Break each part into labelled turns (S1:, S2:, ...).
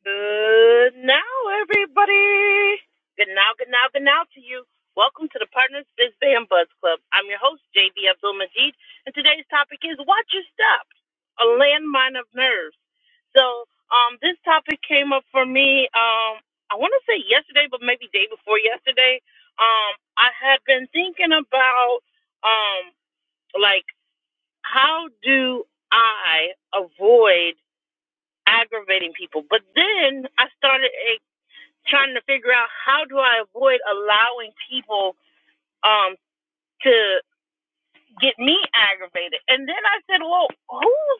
S1: Good now, everybody. Good now, good now, good now to you. Welcome to the Partners Biz Band Buzz Club. I'm your host, JB Abdul Majid, and today's topic is Watch Your Step, a landmine of nerves. So, um, this topic came up for me, um, I want to say yesterday, but maybe day before yesterday. Um, I had been thinking about, um, like, how do I avoid aggravating people. But then I started a trying to figure out how do I avoid allowing people um to get me aggravated. And then I said, Well, whose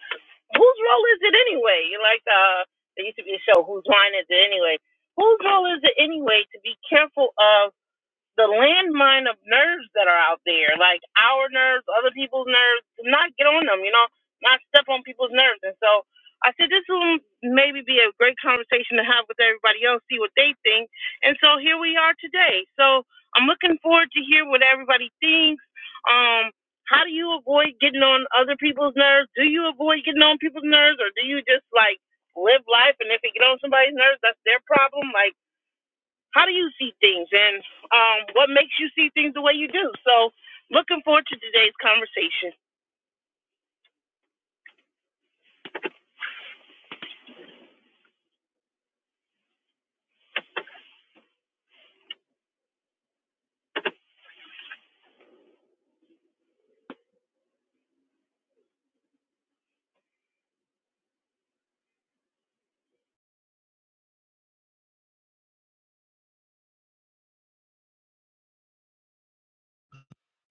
S1: whose role is it anyway? you like uh there used to be a show, Whose Line Is It Anyway? Whose role is it anyway to be careful of the landmine of nerves that are out there, like our nerves, other people's nerves, not get on them, you know, not step on people's nerves. And so I said this will maybe be a great conversation to have with everybody else, see what they think. And so here we are today. So I'm looking forward to hear what everybody thinks. Um, how do you avoid getting on other people's nerves? Do you avoid getting on people's nerves, or do you just like live life? And if you get on somebody's nerves, that's their problem. Like how do you see things and um, what makes you see things the way you do. So, looking forward to today's conversation.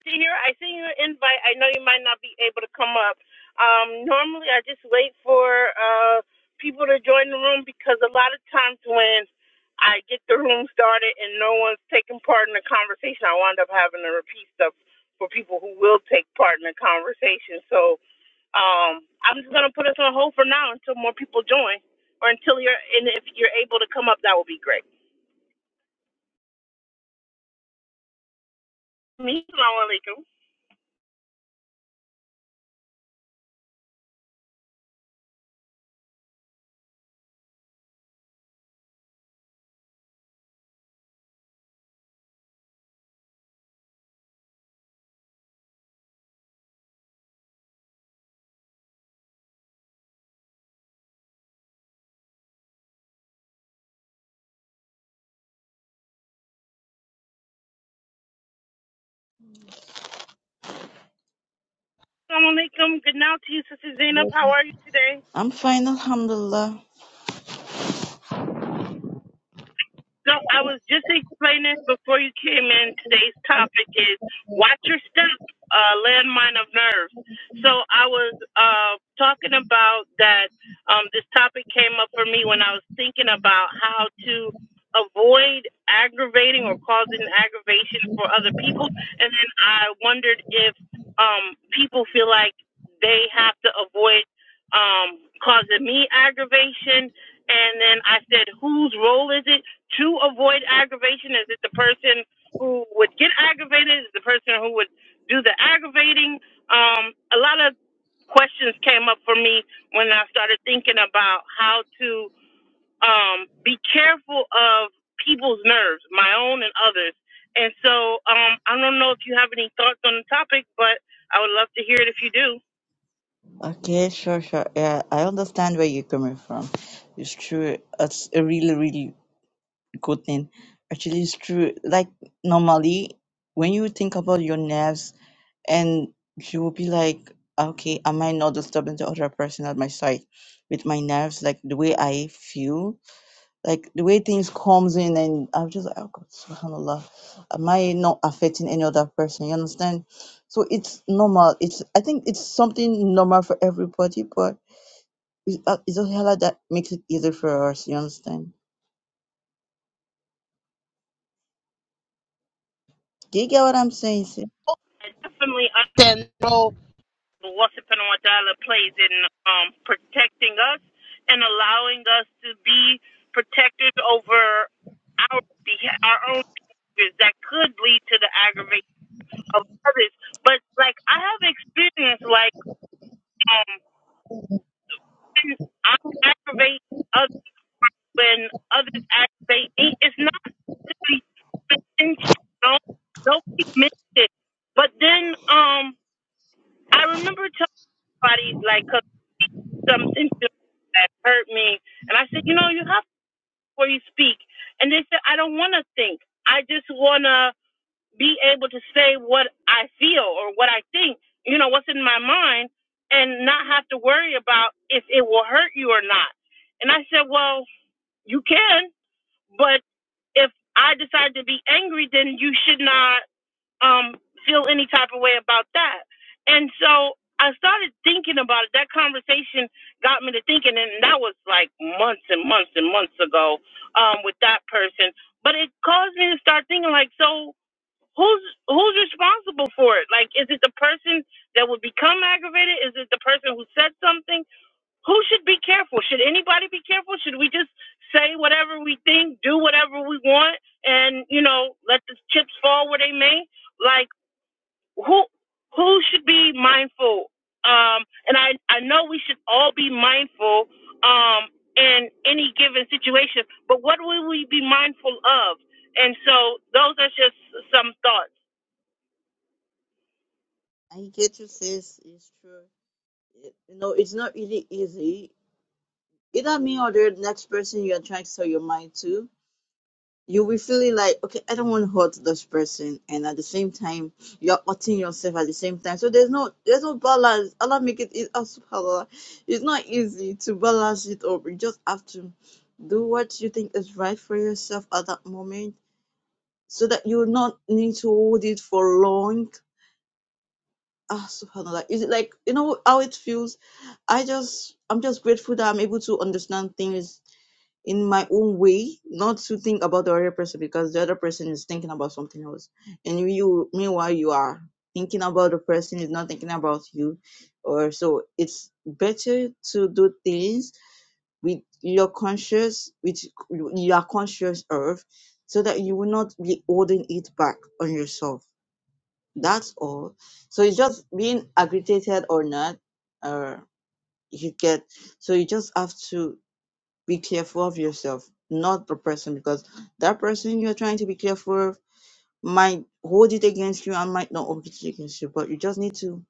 S1: Senior, I sent you an invite. I know you might not be able to come up. Um, normally, I just wait for uh, people to join the room because a lot of times when I get the room started and no one's taking part in the conversation, I wind up having to repeat stuff for people who will take part in the conversation. So um, I'm just gonna put us on hold for now until more people join, or until you're and if you're able to come up, that would be great. Me, alaikum. Assalamu alaikum. Good now to you, Sister Zainab. How are you today?
S2: I'm fine, Alhamdulillah.
S1: No, I was just explaining before you came in. Today's topic is watch your step, uh, landmine of nerves. So I was uh, talking about that. Um, this topic came up for me when I was thinking about how to avoid aggravating or causing aggravation for other people, and then I wondered if um, people feel like they have to avoid um, causing me aggravation. And then I said, whose role is it? to avoid aggravation? Is it the person who would get aggravated? Is it the person who would do the aggravating? Um, a lot of questions came up for me when I started thinking about how to um, be careful of people's nerves, my own and others. And so um, I don't know if you have any thoughts on the topic, but I would love to hear it if you do.
S2: Okay, sure, sure. Yeah, I understand where you're coming from. It's true. It's a really, really good thing. Actually, it's true. Like, normally, when you think about your nerves, and you will be like, okay, am I not disturbing the other person at my side with my nerves? Like, the way I feel, like the way things comes in and I'm just like, oh God, subhanAllah, am I not affecting any other person? You understand? So it's normal. It's I think it's something normal for everybody, but it's, uh, it's just Allah that makes it easier for us. You understand? Do you get what I'm saying, sis?
S1: I definitely understand. But Allah subhanahu wa ta'ala plays in um, protecting us and allowing us to be protected over our our own behaviors that could lead to the aggravation of others. But like I have experienced, like um, I aggravate others when others aggravate me. It's not to be intentional. Nobody meant it. But then um, I remember telling somebody like. something to- that hurt me. And I said, you know, you have to before you speak. And they said, I don't want to think. I just want to be able to say what I feel or what I think, you know, what's in my mind and not have to worry about if it will hurt you or not. And I said, well, you can, but if I decide to be angry, then you should not um, feel any type of way about that. And so I started thinking about it. That conversation got me to thinking, and that was like months and months and months ago um, with that person. But it caused me to start thinking, like, so who's who's responsible for it? Like, is it the person that would become aggravated? Is it the person who said something? Who should be careful? Should anybody be careful? Should we just say whatever we think, do whatever we want, and you know, let the chips fall where they may? like? who who should be mindful um and i i know we should all be mindful um in any given situation but what will we be mindful of and so those are just some thoughts
S2: I get you, sis. It's true. It- You know, it's not really easy. Either me or the next person you're trying to sell your mind to You'll be feeling like, okay, I don't want to hurt this person, and at the same time, you're hurting yourself at the same time. So there's no there's no balance. Allah make it easy. Ah, Subhanallah, it's not easy to balance it up. You just have to do what you think is right for yourself at that moment, so that you will not need to hold it for long. Ah, Subhanallah, is it like you know how it feels? I just I'm just grateful that I'm able to understand things in my own way, not to think about the other person because the other person is thinking about something else. And you, meanwhile, you are thinking about the person is not thinking about you. Or so it's better to do things with your conscious, with you are conscious of, so that you will not be holding it back on yourself. That's all. So it's just being aggravated or not, or you get. So you just have to be careful of yourself, not the person, because that person you're trying to be careful of might hold it against you and might not hold it against you. But you just need to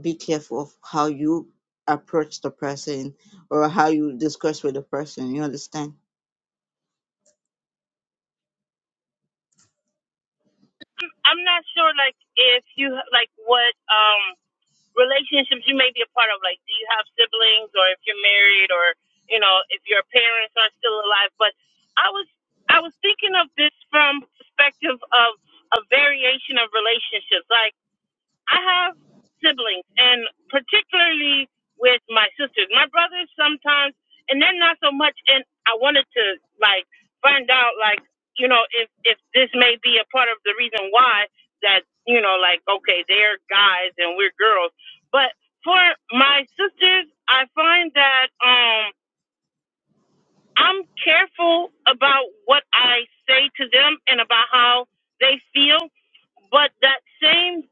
S2: be careful of how you approach the person or how you discuss with the person. You understand?
S1: i'm not sure like if you like what um relationships you may be a part of like do you have siblings or if you're married or you know if your parents are still alive but i was i was thinking of this from perspective of a variation of relationships. like. I have siblings, and particularly with my sisters. My brothers sometimes, and they're not so much. And I wanted to like find out, like you know, if if this may be a part of the reason why that you know, like okay, they're guys and we're girls. But for my sisters, I find that um I'm careful about what I say to them and about how they feel but that same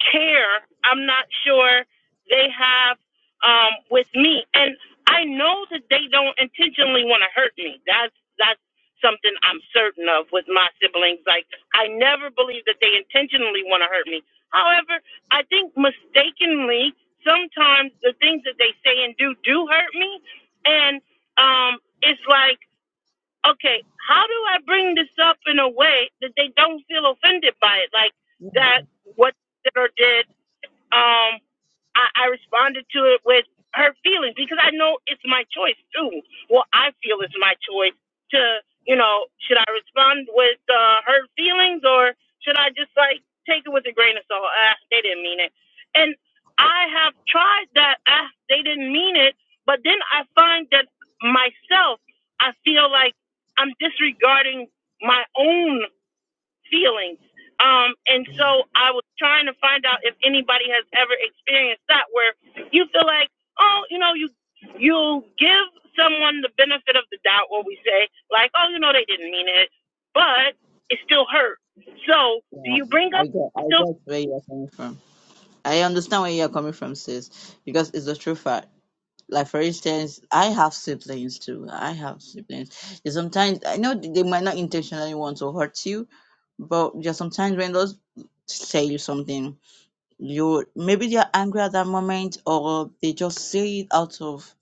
S1: care I'm not sure they have um, with me. And I know that they don't intentionally want to hurt me. That's that's something I'm certain of with my siblings. Like I never believe that they intentionally want to hurt me. However, I think mistakenly sometimes the things that they say and do do hurt me, and um, it's like okay, how do I bring this up in a way that they don't feel offended by it? Like
S2: Yeah,
S1: that what did or did um, I, I responded to it with her feelings because I know it's my choice too. Well, I feel it's my choice to, you know, should I respond with uh, her feelings or should I just like take it with a grain of salt? Ah, they didn't mean it. And I have tried that. Ah, they didn't mean it. But then I find that myself, I feel like I'm disregarding my own feelings. Um, and
S2: yeah,
S1: so I was trying to find out if anybody has ever experienced that where you feel like, oh, you know, you you give someone the benefit of the doubt what we say, like, oh, you know, they didn't mean it, but it still hurt. So do
S2: yeah.
S1: you bring up
S2: I get, I
S1: still
S2: get where you're coming from. I understand where you're coming from, sis, because it's a true fact like for instance i have siblings too i have siblings and sometimes i know they might not intentionally want to hurt you but just sometimes when those say you something you maybe they're angry at that moment or they just say it out of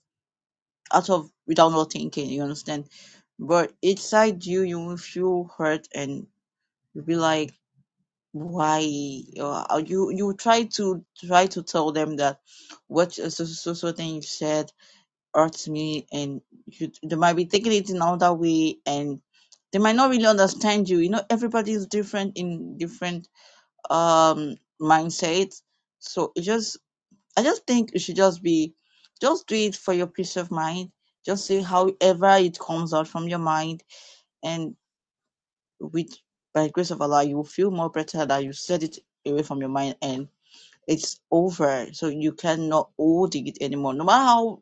S2: out of without not thinking you understand but inside you you will feel hurt and you'll be like why or you you try to try to tell them that what so so so so thing you said hurts me and you they might be taking it in another way and they might not really understand you you know everybody is different in different um mindsets so it just i just think it should just be just do it for your peace of mind just see however it comes out from your mind and with by the grace of allah you will feel more better that you set it away from your mind and it's over so you cannot hold it anymore no matter how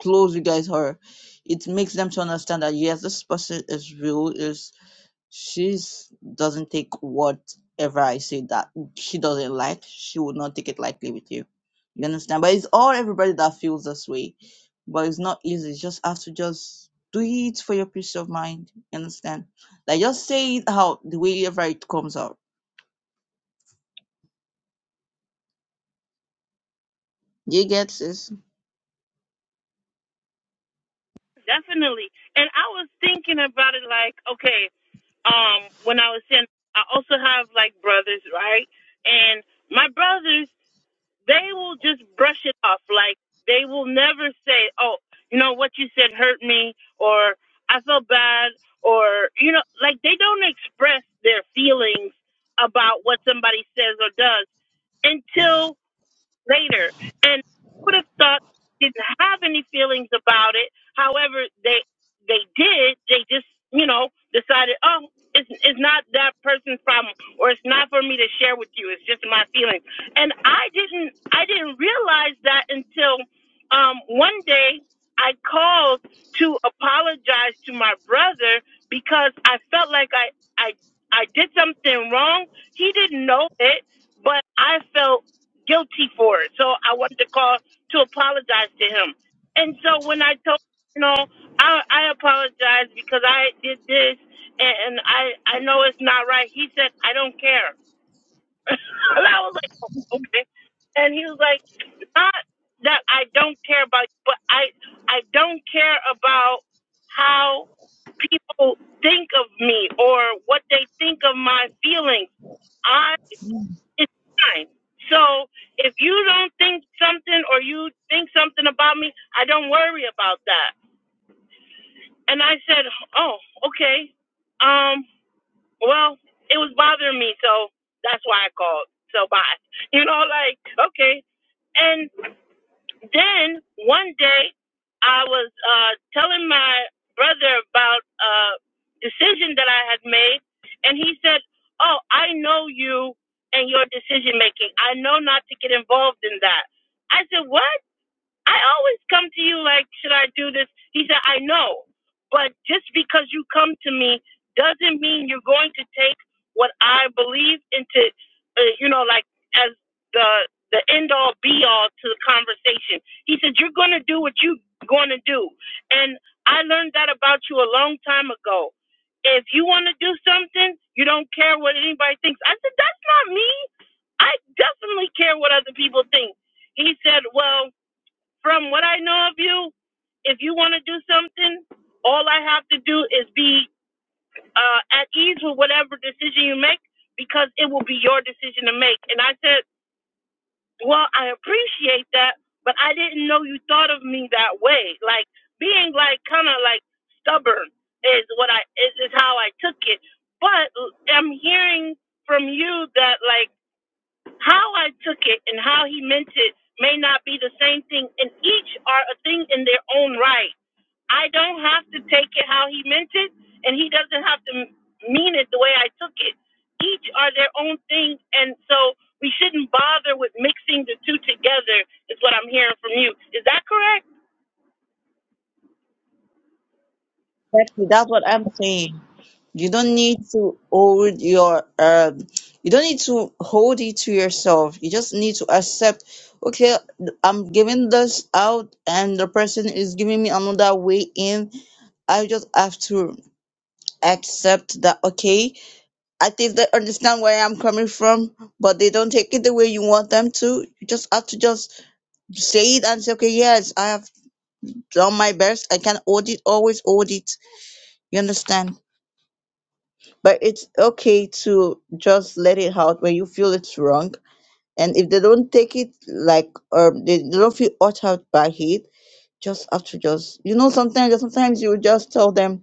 S2: close you guys are, it makes them to understand that yes, this person is real. Is she's doesn't take whatever I say that she doesn't like. She would not take it lightly with you. You understand? But it's all everybody that feels this way. But it's not easy. You just have to just do it for your peace of mind. You understand? Like just say it how the way ever it comes out. You get this?
S1: definitely and I was thinking about it like, okay, um, when I was saying I also have like brothers, right? And my brothers they will just brush it off. Like they will never say, "Oh, you know what you said hurt me," or "I felt bad," or you know, like they don't express their feelings about what somebody says or does
S2: Yeah.
S1: until later. And I would have thought they didn't have any feelings about it. However, they they did. They just you know decided, oh, it's it's not that person's problem, or it's not for me to share with you. It's just my feelings. And I didn't I didn't realize that until um, one day I called to apologize to my brother because I felt like I I I did something wrong. He didn't know it, but I felt guilty for it. So I wanted to call to apologize to him. And so when I told him, you know, I I apologize because I did this and, and I I know it's not right. He said, I don't care. and I was like, "Oh, okay. And he was like, not that I don't care about you, but I I don't care about how people think of me or what they think of my feelings. I it's fine. So if you don't think something or you think something about me, I don't worry about that. And I said, oh, okay. Um, well, it was bothering me, so that's why I called. So bye. You know, like okay. And then one day, I was uh, telling my brother about a decision that I had made, and he said, "Oh, I know you and your decision making. I know not to get involved in that." I said, "What?" I always come to you like, should I do this? He said, I know. But just because you come to me doesn't mean you're going to take what I believe into, uh, you know, like as the the end all be all to the conversation. He said, you're going to do what you're going to do. And I learned that about you a long time ago. If you want to do something, you don't care what anybody thinks. I said, that's not me. I definitely care what other people think. He said, well, from what I know of you, if you want to do something, all I have to do is be uh, at ease with whatever decision you make because it will be your decision to make. And I said, Well, I appreciate that, but I didn't know you thought of me that way. Like being like kind of like stubborn is what I is, is how I took it. But I'm hearing from you that like how I took it and how he meant it may not be the same thing, and each are a thing in their own right. I don't have to take it how he meant it, and he doesn't have to m- mean it the way I took it. Each are their own thing, and so we shouldn't bother with mixing the two together, is what I'm hearing from you. Is that correct?
S2: Exactly. That's what I'm saying. You don't need to hold your um you don't need to hold it to yourself. You just need to accept, okay, I'm giving this out and the person is giving me another way in. I just have to accept that okay, I think they understand where I'm coming from, but they don't take it the way you want them to. You just have to just say it and say, Okay, yes, I have done my best. I can hold it, always hold it. You understand? but it's okay to just let it out when you feel it's wrong and if they don't take it like or they they don't feel hurt out by it just have to just you know sometimes sometimes you just tell them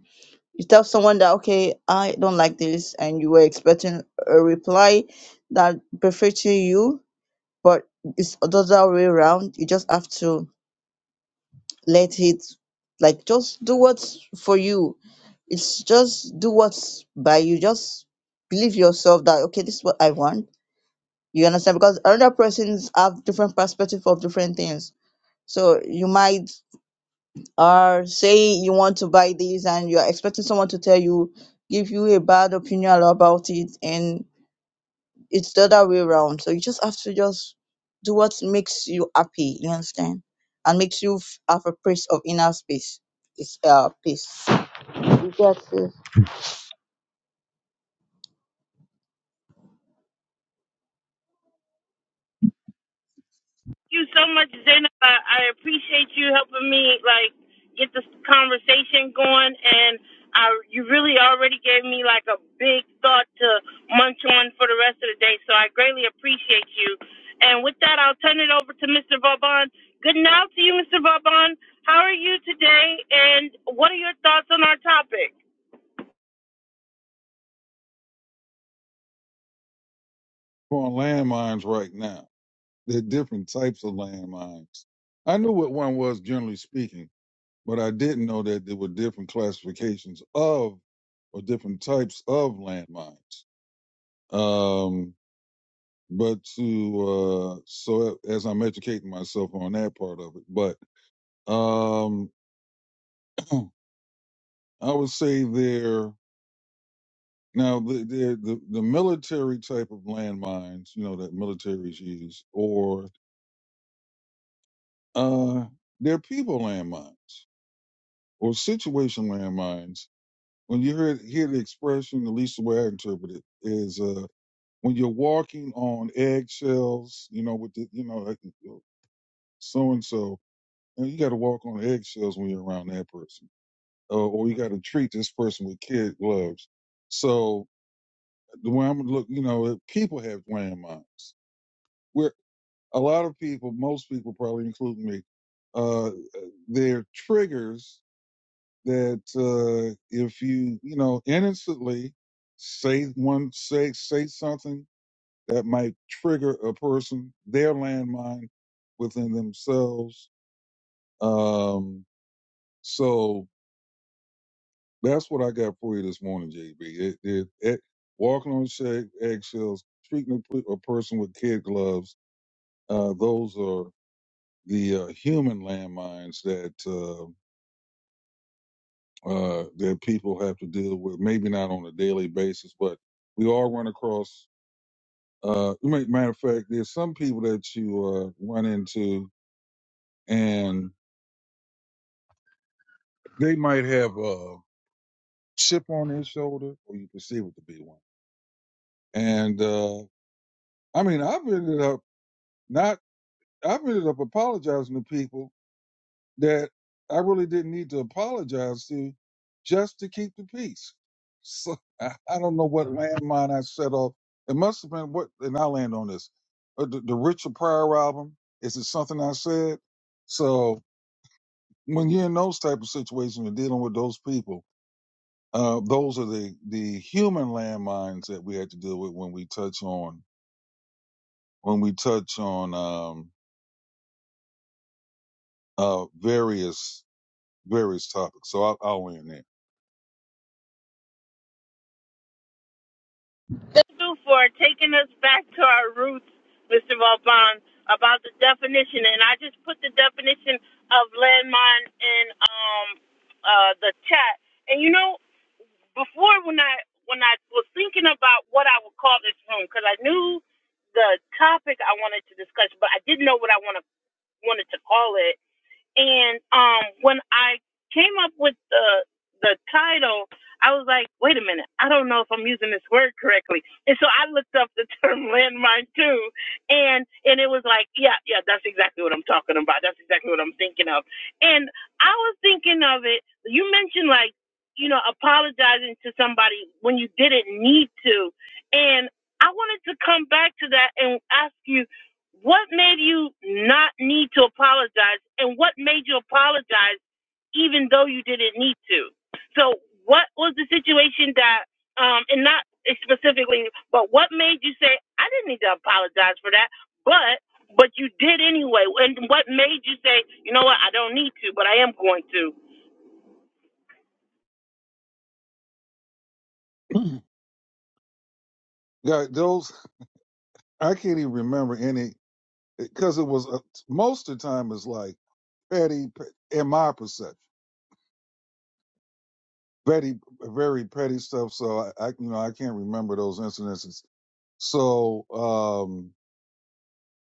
S2: you tell someone that okay i don't like this and you were expecting a reply that prefer to you but it's the other way around you just have to let it like just do what's for you it's just do what's by you just believe yourself that okay this is what i want you understand because other persons have different perspective of different things so you might uh say you want to buy this and you're expecting someone to tell you give you a bad opinion about it and it's the other way around. So you just have to just do what makes you happy, you understand? And makes you f- have a place of inner space. It's uh peace. You get it.
S1: you so much, Zainab. I, I appreciate you helping me like get this conversation going, and I you really already gave me like a big thought to munch on for the rest of the day. So I greatly appreciate you. And with that, I'll turn it over to Mr. Vauban. Good night to you, Mr. Vauban. How are you today? And what are your thoughts on our topic?
S3: on landmines right now. There are different types of landmines. I knew what one was generally speaking, but I didn't know that there were different classifications of or different types of landmines. Um, but to uh, so as I'm educating myself on that part of it, but um, I would say there now the, the the the military type of landmines, you know, that militaries use, or uh, they're people landmines. or situation landmines. When you hear hear the expression, at least the way I interpret it, is uh, when you're walking on eggshells. You know, with the you know like so and so, and you got to walk on eggshells when you're around that person, uh, or you got to treat this person with kid gloves. So the way I'm look, you know, people have landmines. Where a lot of people, most people, probably including me, uh, their triggers that uh, if you you know innocently say one say say something that might trigger a person their landmine within themselves um so that's what i got for you this morning jb it, it, it walking on shag, eggshells treating a, pe- a person with kid gloves uh those are the uh, human landmines that uh, uh, that people have to deal with, maybe not on a daily basis, but we all run across. Uh, you might- matter of fact, there's some people that you uh, run into, and they might have a chip on their shoulder, or you perceive it to be one. And uh, I mean, I've ended up not, I've ended up apologizing to people that I really didn't need to apologize to just to keep the peace. So I, I don't know what landmine I set off. It must have been what, and I land on this. Uh, The, the Richard Pryor album. Is it something I said? So when you're in those type of situations, you're dealing with those people. Uh, those are the the human landmines that we had to deal with when we touch on when we touch on um, uh, various various topics. So I'll, I'll land
S1: you for taking us back to our roots, Mr. Vauban, about the definition. And I just put the definition of landmine in um uh the chat. And you know, before when I when I was thinking about what I would call this room, because I knew the topic I wanted to discuss, but I didn't know what I want to wanted to call it. And um, when I came up with the the title, I was like, wait a minute, I don't know if I'm using this word correctly. And so I looked up the term landmine too, and and it was like, yeah, yeah, that's exactly what I'm talking about. That's exactly what I'm thinking of. And I was thinking of it. You mentioned like, you know, apologizing to somebody when you didn't need to, and I wanted to come back to that and ask you what made you not need to apologize? And what made you apologize even though you didn't need to? So what was the situation that, um, and not specifically, but what made you say, I didn't need to apologize for that, but, but you did anyway. And what made you say, you know what, I don't need to, but I am going to?
S3: there. Yeah, those I can't even remember any because it was uh, most of the time is like petty pe- in my perception, petty, very petty stuff. So I, I, you know, I can't remember those incidences. So um,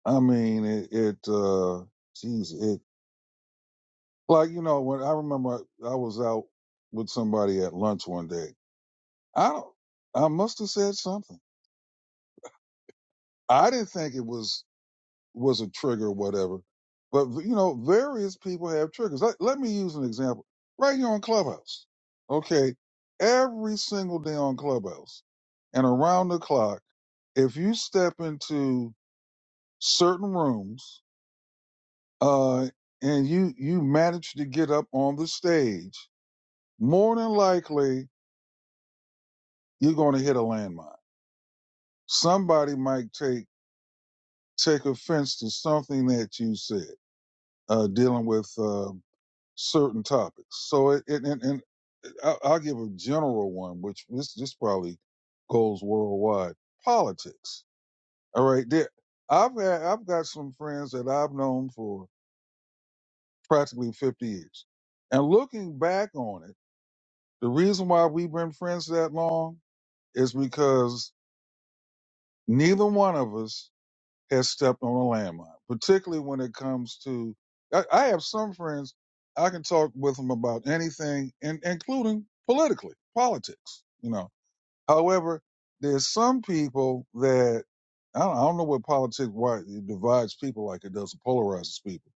S3: I mean, it, it, uh, geez, it like you know when I remember I, I was out with somebody at lunch one day. I don't, I must have said something. I didn't think it was. was a trigger or whatever. But you know, various people have triggers. Let, let me use an example right here on Clubhouse. Okay, every single day on Clubhouse and around the clock, if you step into certain rooms uh, and you you manage to get up on the stage, more than likely you're going to hit a landmine. Somebody might take take offense to something that you said, uh, dealing with. Uh, certain topics. So it, it and, and I'll, I'll give a general one, which this this probably goes worldwide. Politics. All right, there. I've had, I've got some friends that I've known for practically 50 years, and looking back on it, the reason why we've been friends that long is because neither one of us has stepped on a landmine, particularly when it comes to. I, I have some friends I can talk with them about anything, and including politically, politics. You know, however, there's some people that I don't, I don't know what politics why it divides people like it does it polarizes people.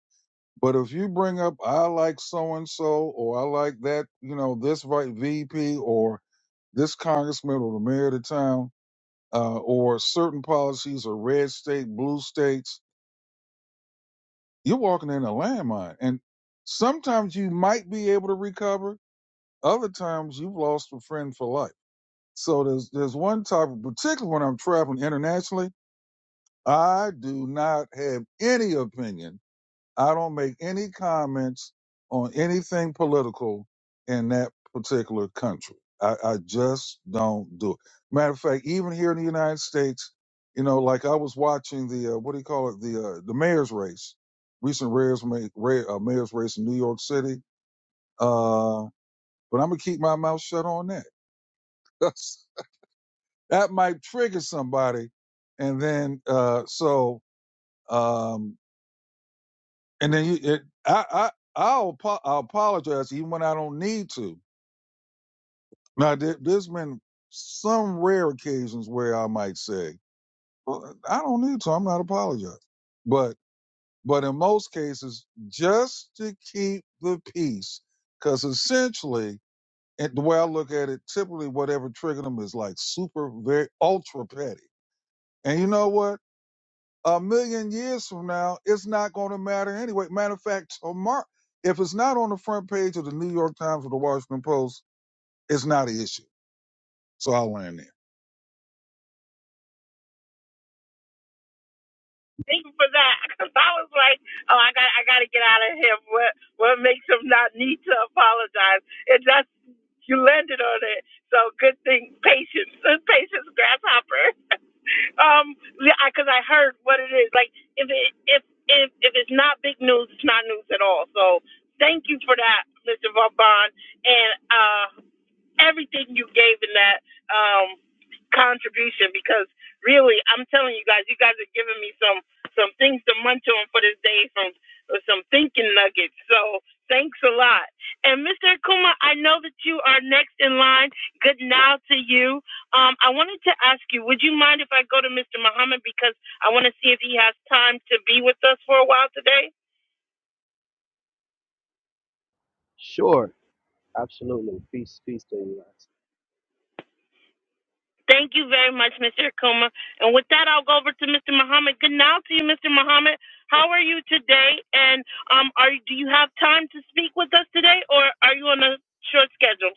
S3: But if you bring up I like so and so, or I like that, you know, this right VP or this congressman or the mayor of the town, uh, or certain policies or red state, blue states You're walking in a landmine. And sometimes you might be able to recover. Other times you've lost a friend for life. So there's there's one topic, particularly when I'm traveling internationally, I do not have any opinion I don't make any comments on anything political in that particular country. I, I just don't do it. Matter of fact, even here in the United States, you know, like I was watching the uh, what do you call it the uh, the mayor's race, recent mayor's ma- ra- uh, mayor's race in New York City. Uh, but I'm gonna keep my mouth shut on that. that might trigger somebody, and then uh, so. Um, And then you, it, I, I, I'll, apo- I'll apologize even when I don't need to. Now, there, there's been some rare occasions where I might say, well, I don't need to. I'm not apologizing. But, but in most cases, just to keep the peace, because essentially, and the way I look at it, typically whatever triggered them is like super, very ultra petty. And you know what? a million years from now, it's not going to matter anyway. Matter of fact, tomorrow, if it's not on the front page of the New York Times or the Washington Post, it's not an issue. So I'll land there.
S1: Thank you for that. Cause I was like, oh, I got, I got to get out of him. What, what makes him not need to apologize? It just you landed on it. So good thing, patience, patience, grasshopper. um, because I 'cause I heard what it is. Like if it, if if if it's not big news, it's not news at all. So thank you for that, Mr. Vaughn. And uh everything you gave in that um, contribution because really, I'm telling you guys, you guys are giving me some some things to munch on for this day, from some thinking nuggets. So thanks a lot. And Mr. Akuma, I know that you are next in line. Good now to you. Um, I wanted to ask you, would you mind if I go to Mr. Muhammad because I want to see if he has time to be with us for a while today?
S4: Sure, absolutely. Peace, peace to you guys.
S1: Thank you very much, Mr. Akuma. And with that, I'll go over to Mr. Muhammad. Good now to you, Mr. Muhammad. How are you today? And um, are do you have time to speak with us today, or are you on a short schedule?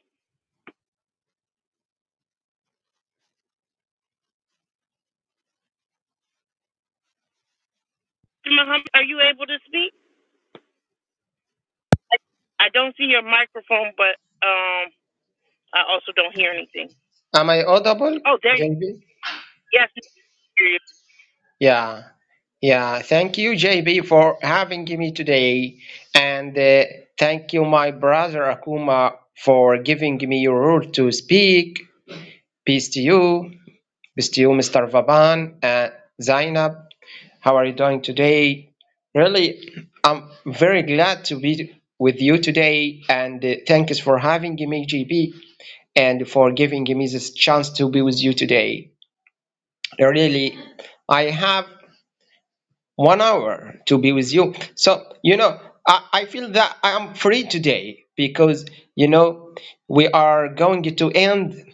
S1: Mr. Muhammad, are you able to speak? I don't see your microphone, but um, I also don't hear anything.
S5: Am I audible,
S1: Oh, there you.
S5: JB?
S1: Yes, we hear you.
S5: Yeah, yeah. Thank you, JB, for having me today, and uh, thank you, my brother Akuma, for giving me your room to speak. Peace to you, peace to you, Mr. Vaban and Zainab. How are you doing today? Really, I'm very glad to be with you today, and uh, thanks for having me, JB, and for giving me this chance to be with you today. Really, I have. one hour to be with you. So, you know, I, I feel that I am free today because, you know, we are going to end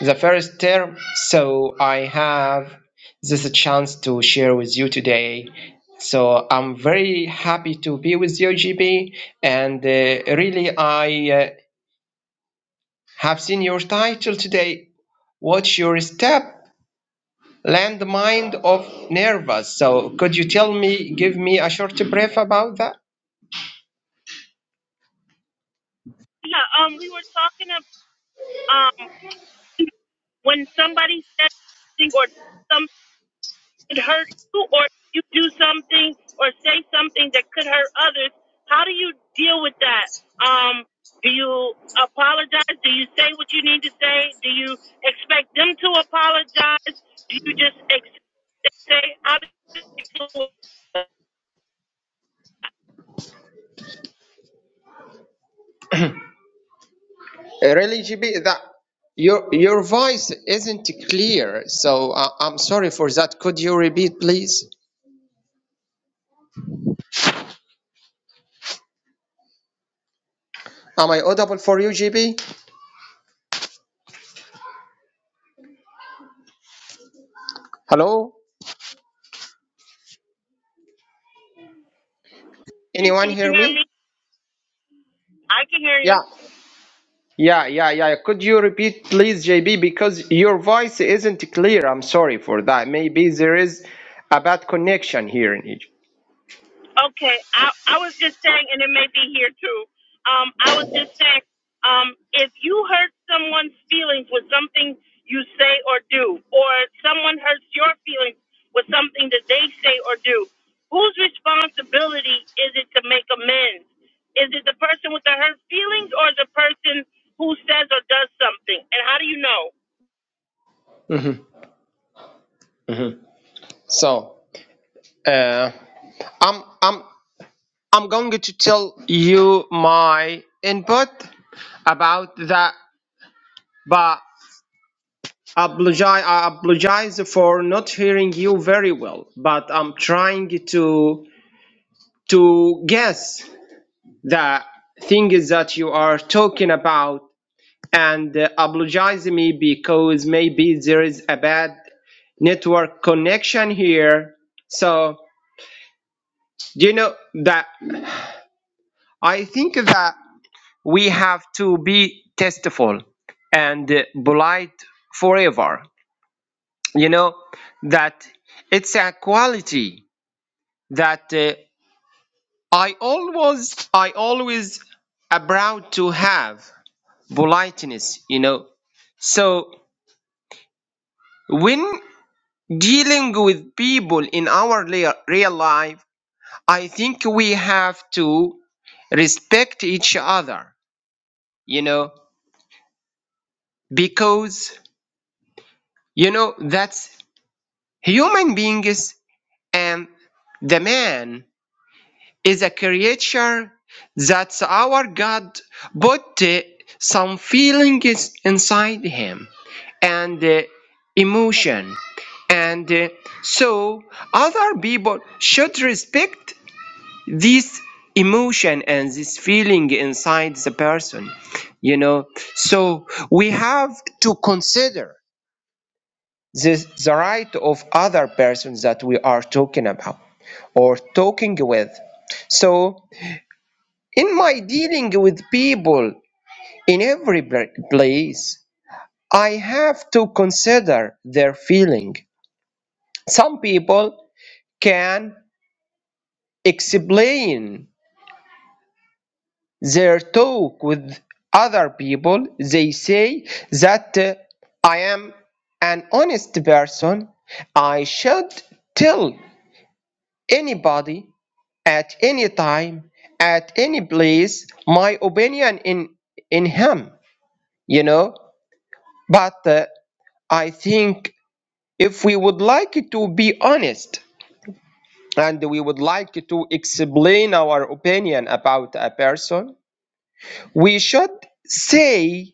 S5: the first term. So I have this chance to share with you today. So I'm very happy to be with you, GB. And uh, really, I uh, have seen your title today. What's your step? Landmine of Nervous. So could you tell me, give me a short brief about that?
S1: Yeah. Um, we were talking about um when somebody says something or some could hurt you or you do something or say something that could hurt others, how do you deal with that? Um, do you apologize? Do you say what you need to say? Do you expect them to apologize? Do you just accept they say, how do you,
S5: Really, GB, that your your voice isn't clear, so uh, I'm sorry for that. Could you repeat, please? Am I audible for you, GB? Hello?
S1: you
S5: Anyone
S1: can you
S5: hear
S1: hear
S5: me?
S1: me? I can hear you.
S5: Yeah, yeah, yeah, yeah. Could you repeat, please, JB? Because your voice isn't clear. I'm sorry for that. Maybe there is a bad connection here in Egypt.
S1: Okay, I I was just saying, and it may be here too. Um, I was just saying, um, if you hurt someone's feelings with something you say or do, or someone hurts your feelings with something that they say or do, whose responsibility is it to make amends? Is it the person with the hurt feelings, or the person who says or does something? And how do you know?
S5: So, uh, I'm I'm I'm going to tell you my input about that, but. Apologi- I apologize for not hearing you very well, but I'm trying to to guess the things that you are talking about, and uh, apologize me because maybe there is a bad network connection here. So do you know that I think that we have to be tasteful and uh, polite forever. You know that it's a quality that uh, I always I always am proud to have politeness, you know. So when dealing with people in our lea- real life, I think we have to respect each other, you know, because you know that's human beings and the man is a creature that our God put uh, some feelings inside him and uh, emotion. And uh, so other people should respect this emotion and this feeling inside the person, you know. So we have to consider this, the right of other persons that we are talking about or talking with. So in my dealing with people in every pla- place, I have to consider their feeling. Some people can explain their talk with other people. They say that uh, I am an honest person. I should tell anybody at any time, at any place, my opinion in in him. You know, but. uh, I think if we would like to be honest and we would like to explain our opinion about a person, we should say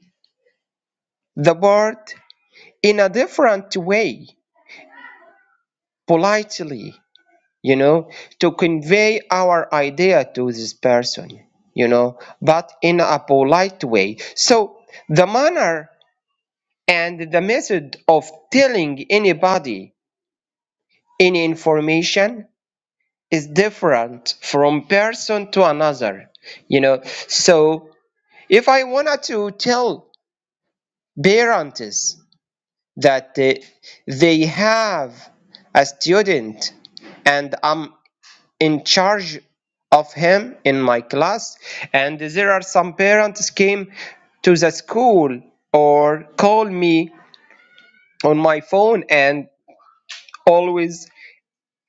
S5: the word in a different way, politely, you know, to convey our idea to this person, you know, but in a polite way. So the manner and the method of telling anybody any information is different from person to another you know so if i wanted to tell parents that they, they have a student and i'm in charge of him in my class and there are some parents came to the school or call me on my phone and always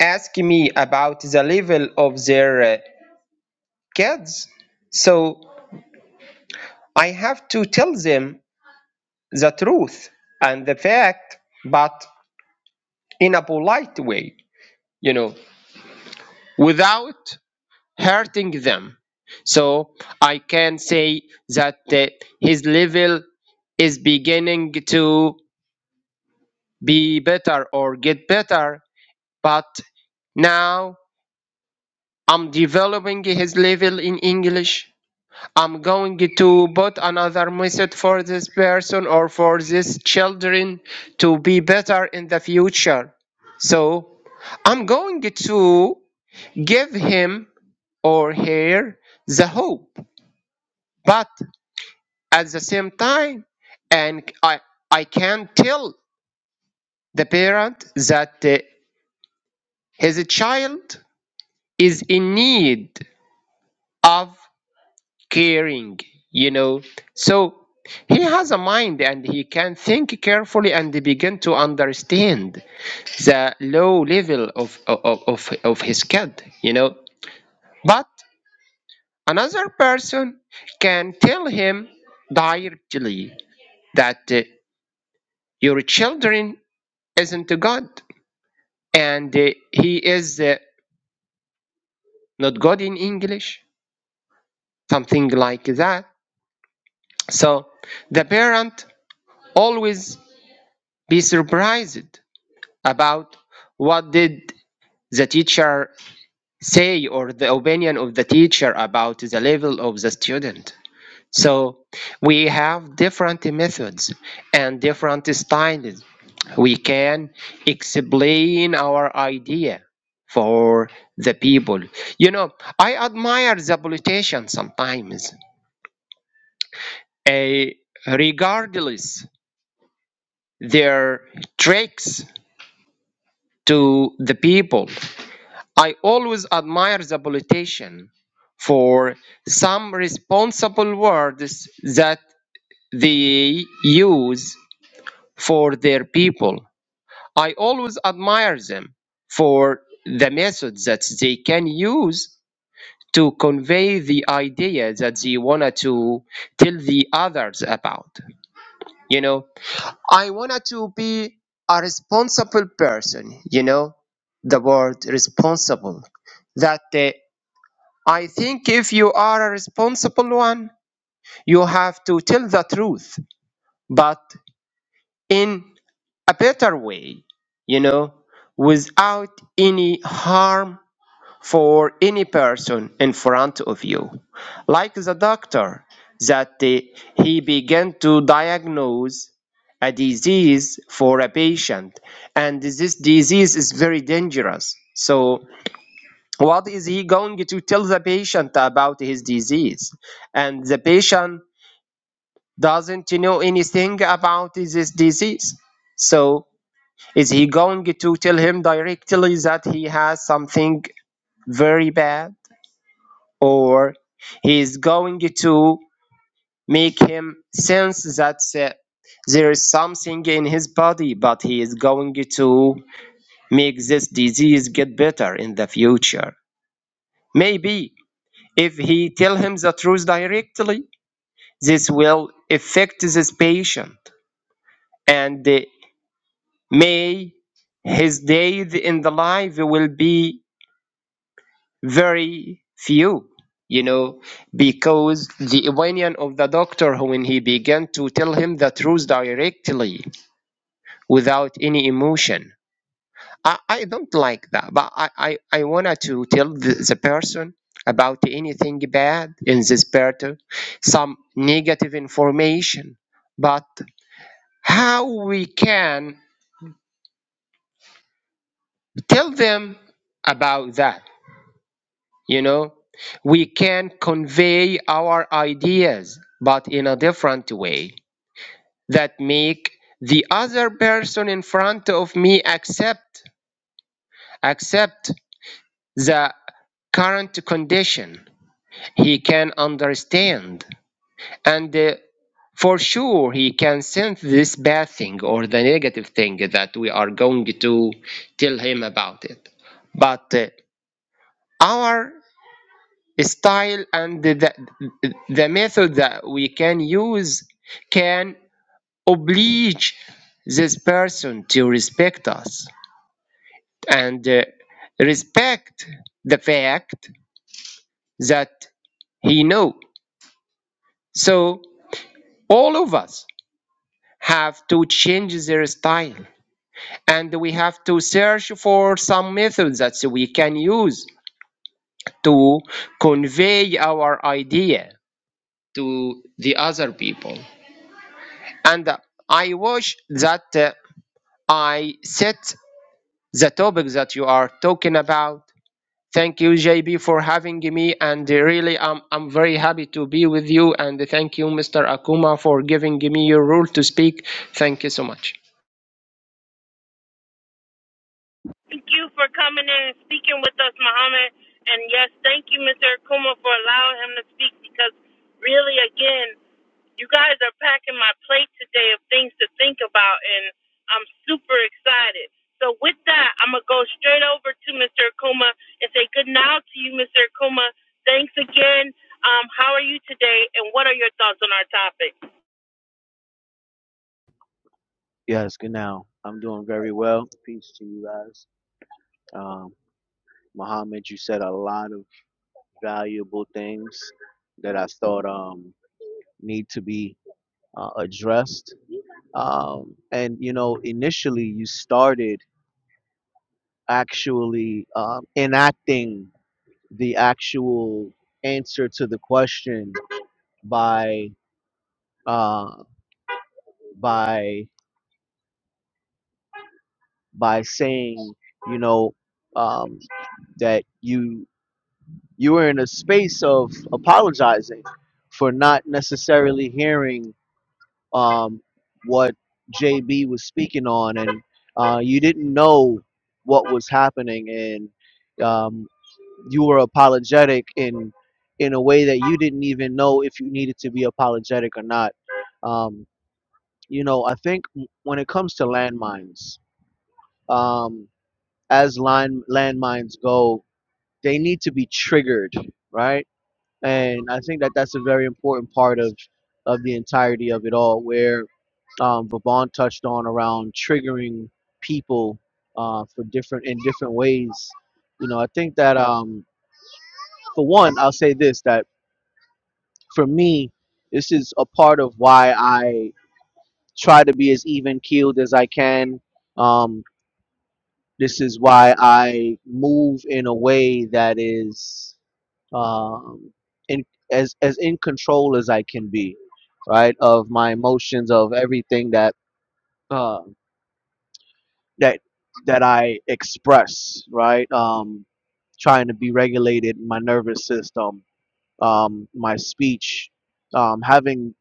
S5: ask me about the level of their uh, kids so I have to tell them the truth and the fact, but in a polite way, you know, without hurting them. So I can say that uh, his level is beginning to be better or get better, but now I'm developing his level in English I'm going to put another method for this person or for these children to be better in the future. So I'm going to give him or her the hope, but at the same time, and I I can tell the parent that uh, his child is in need of caring you know so he has a mind and he can think carefully and begin to understand the low level of of, of, of his kid you know but another person can tell him directly that uh, your children isn't god and uh, he is uh, not god in english something like that so the parent always be surprised about what did the teacher say or the opinion of the teacher about the level of the student so we have different methods and different styles we can explain our idea for the people you know i admire the politicians sometimes eh, regardless their tricks to the people I always admire the politician for some responsible words that they use for their people. I always admire them for the methods that they can use to convey the idea that they wanted to tell the others about. You know, I wanted to be a responsible person, you know, the word responsible that uh, I think if you are a responsible one, you have to tell the truth, but in a better way, you know, without any harm for any person in front of you. Like the doctor that uh, he began to diagnose a disease for a patient, and this disease is very dangerous. So what is he going to tell the patient about his disease and the patient doesn't know anything about this disease so is he going to tell him directly that he has something very bad or he is going to make him sense that uh, there is something in his body but he is going to make this disease get better in the future maybe If he tell him the truth directly, this will affect this patient and uh, may his days in the life will be very few, you know, because the opinion of the doctor when he began to tell him the truth directly without any emotion I, I don't like that, but I, I, I wanted to tell the, the person about anything bad in this pattern, some negative information, but how we can tell them about that, you know? We can convey our ideas, but in a different way that make the other person in front of me accept accept the current condition he can understand and uh, for sure he can sense this bad thing or the negative thing that we are going to tell him about it but uh, our style and the, the method that we can use can oblige this person to respect us and uh, respect the fact that he know so all of us have to change their style and we have to search for some methods that we can use to convey our idea to the other people and i wish that uh, i set the topic that you are talking about thank you jb for having me and really I'm i'm very happy to be with you and thank you mr akuma for giving me your role to speak thank you so much
S1: Thank you for coming in and speaking with us, Muhammad. And yes, thank you, Mr. Akuma, for allowing him to speak because really, again, you guys are packing my plate today of things to think about, and I'm super excited. So, with that, I'm going to go straight over to Mr. Akuma and say good night to you, Mr. Akuma. Thanks again. Um, how are you today, and what are your thoughts on our topic?
S4: Yes, good now. I'm doing very well. Peace to you guys. Um, Muhammad, you said a lot of valuable things that I thought um need to be uh, addressed. Um, and you know, initially you started actually um, enacting the actual answer to the question by uh, by by saying, you know. um. that you you were in a space of apologizing for not necessarily hearing um, what JB was speaking on, and uh, you didn't know what was happening, and um, you were apologetic in in a way that you didn't even know if you needed to be apologetic or not. Um, you know, I think when it comes to landmines, um, as line landmines go, they need to be triggered, right? and I think that that's a very important part of of the entirety of it all, where um, Vaughn touched on around triggering people uh, for different in different ways. You know, I think that um, for one, I'll say this that for me, this is a part of why I try to be as even keeled as I can. Um, this is why I move in a way that is um, in, as as in control as I can be, right? Of my emotions, of everything that uh, that that I express, right? Um, trying to be regulated, in my nervous system, um, my speech, um, having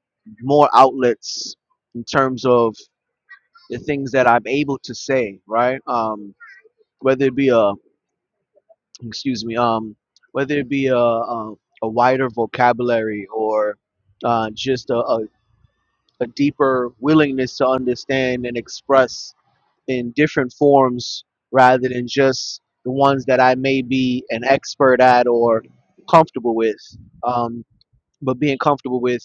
S4: more outlets in terms of the things that I'm able to say, right? Um, whether it be a excuse me, um, whether it be a, a, a wider vocabulary or uh, just a, a, a deeper willingness to understand and express in different forms rather than just the ones that I may be an expert at or comfortable with. Um, but being comfortable with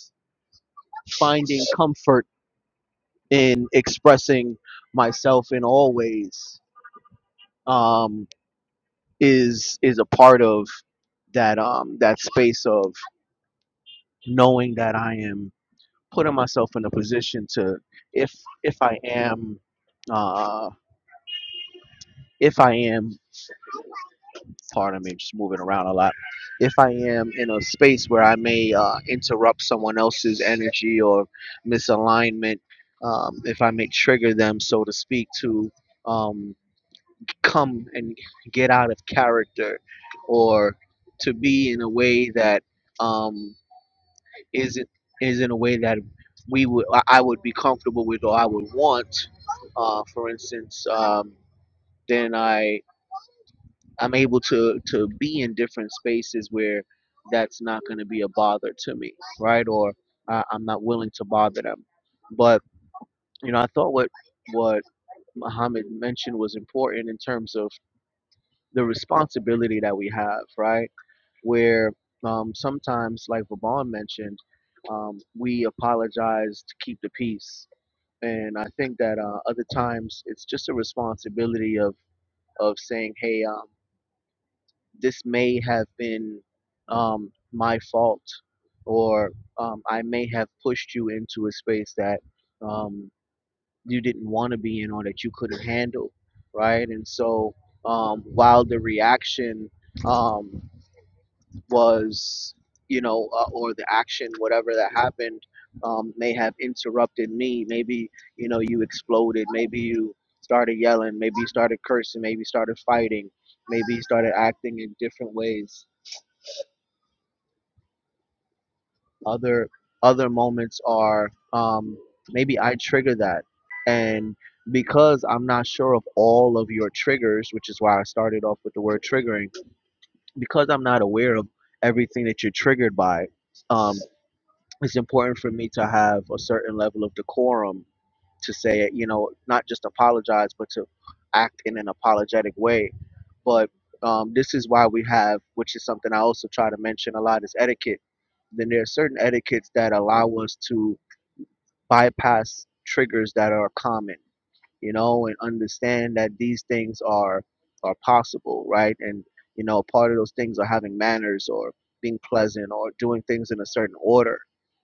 S4: finding comfort in expressing myself in all ways um, is is a part of that um, that space of knowing that I am putting myself in a position to, if if I am, uh, if I am, pardon me, just moving around a lot. If I am in a space where I may uh, interrupt someone else's energy or misalignment, um, if I may trigger them, so to speak, to um, come and get out of character, or to be in a way that um, is it is in a way that we would I I would be comfortable with or I would want. Uh, for instance, um, then I I'm able to to be in different spaces where that's not going to be a bother to me, right? Or uh, I'm not willing to bother them. But you know, I thought what what Muhammad mentioned was important in terms of the responsibility that we have, right? where um, sometimes, like Vaughn mentioned, um, we apologize to keep the peace. And I think that uh, other times it's just a responsibility of, of saying, hey, um, this may have been um, my fault, or um, I may have pushed you into a space that um, you didn't want to be in or that you couldn't handle, right? And so um, while the reaction um, was, you know, uh, or the action, whatever that happened, um, may have interrupted me. Maybe, you know, you exploded. Maybe you started yelling. Maybe you started cursing. Maybe you started fighting. Maybe you started acting in different ways. Other other moments are um, maybe I trigger that, and because I'm not sure of all of your triggers, which is why I started off with the word triggering, because I'm not aware of everything that you're triggered by. Um, it's important for me to have a certain level of decorum to say it, you know, not just apologize, but to act in an apologetic way. But um, this is why we have, which is something I also try to mention a lot, is etiquette. Then there are certain etiquettes that allow us to bypass triggers that are common you know, and understand that these things are are possible, right? And you know, part of those things are having manners or being pleasant or doing things in a certain order,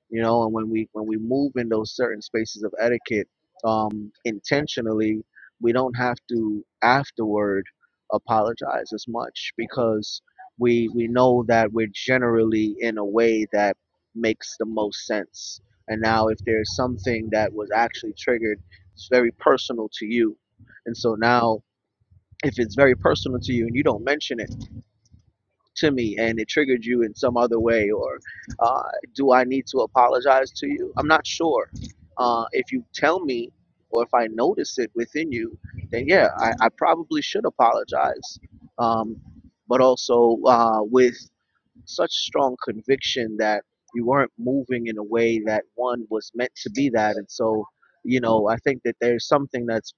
S4: you know. And when we when we move in those certain spaces of etiquette um, intentionally, we don't have to afterward apologize as much because we we know that we're generally in a way that makes the most sense and now if there's something that was actually triggered it's very personal to you and so now if it's very personal to you and you don't mention it to me and it triggered you in some other way or uh, do i need to apologize to you i'm not sure uh, if you tell me or if i notice it within you then yeah i, I probably should apologize um, but also uh, with such strong conviction that you weren't moving in a way that one was meant to be that and so you know i think that there's something that's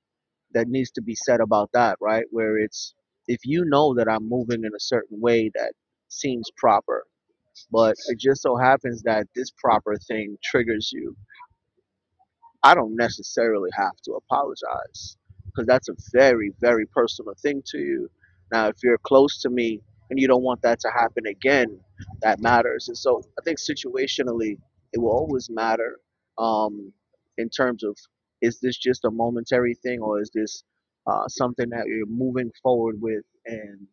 S4: that needs to be said about that right where it's if you know that i'm moving in a certain way that seems proper but it just so happens that this proper thing triggers you I don't necessarily have to apologize because that's a very, very personal thing to you. Now, if you're close to me and you don't want that to happen again, that matters. And so I think situationally, it will always matter um, in terms of is this just a momentary thing or is this uh, something that you're moving forward with and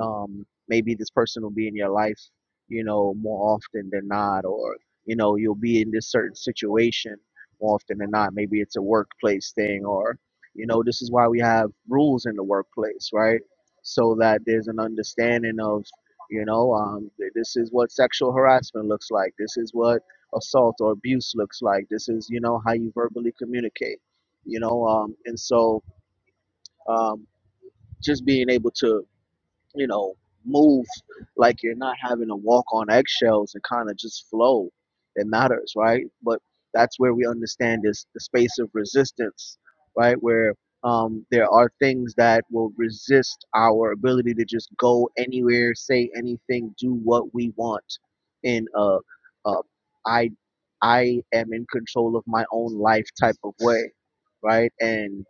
S4: um, maybe this person will be in your life, you know, more often than not, or, you know, you'll be in this certain situation more often than not. Maybe it's a workplace thing, or you know, this is why we have rules in the workplace, right? So that there's an understanding of, you know, um, th- this is what sexual harassment looks like. This is what assault or abuse looks like. This is, you know, how you verbally communicate. You know, um, and so um, just being able to you know, move like you're not having to walk on eggshells and kind of just flow. It matters, right? But that's where we understand this the space of resistance, right? Where um, there are things that will resist our ability to just go anywhere, say anything, do what we want. In a, a I, I am in control of my own life type of way, right? And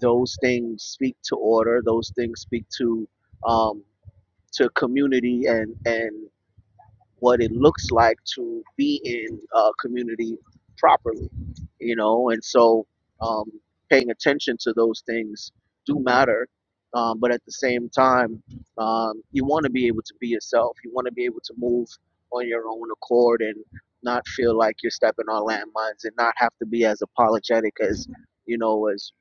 S4: those things speak to order. Those things speak to um, to community and and what it looks like to be in a community properly you know and so um, paying attention to those things do matter um, but at the same time um, you want to be able to be yourself you want to be able to move on your own accord and not feel like you're stepping on landmines and not have to be as apologetic as you know as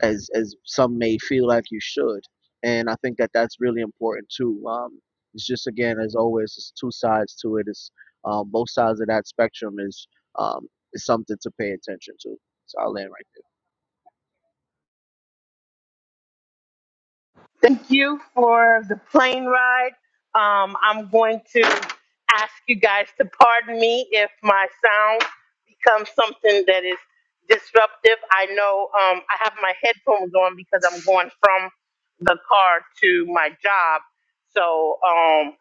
S4: as as some may feel like you should. And I think that that's really important too. Um, it's just again, as always, it's two sides to it. It's um, both sides of that spectrum is um, is something to pay attention to. So I'll land right
S1: Thank you for the plane ride. Um, I'm going to ask you guys to pardon me if my sound becomes something that is disruptive. I know um, I have my headphones on because I'm going from the car to my job. So um,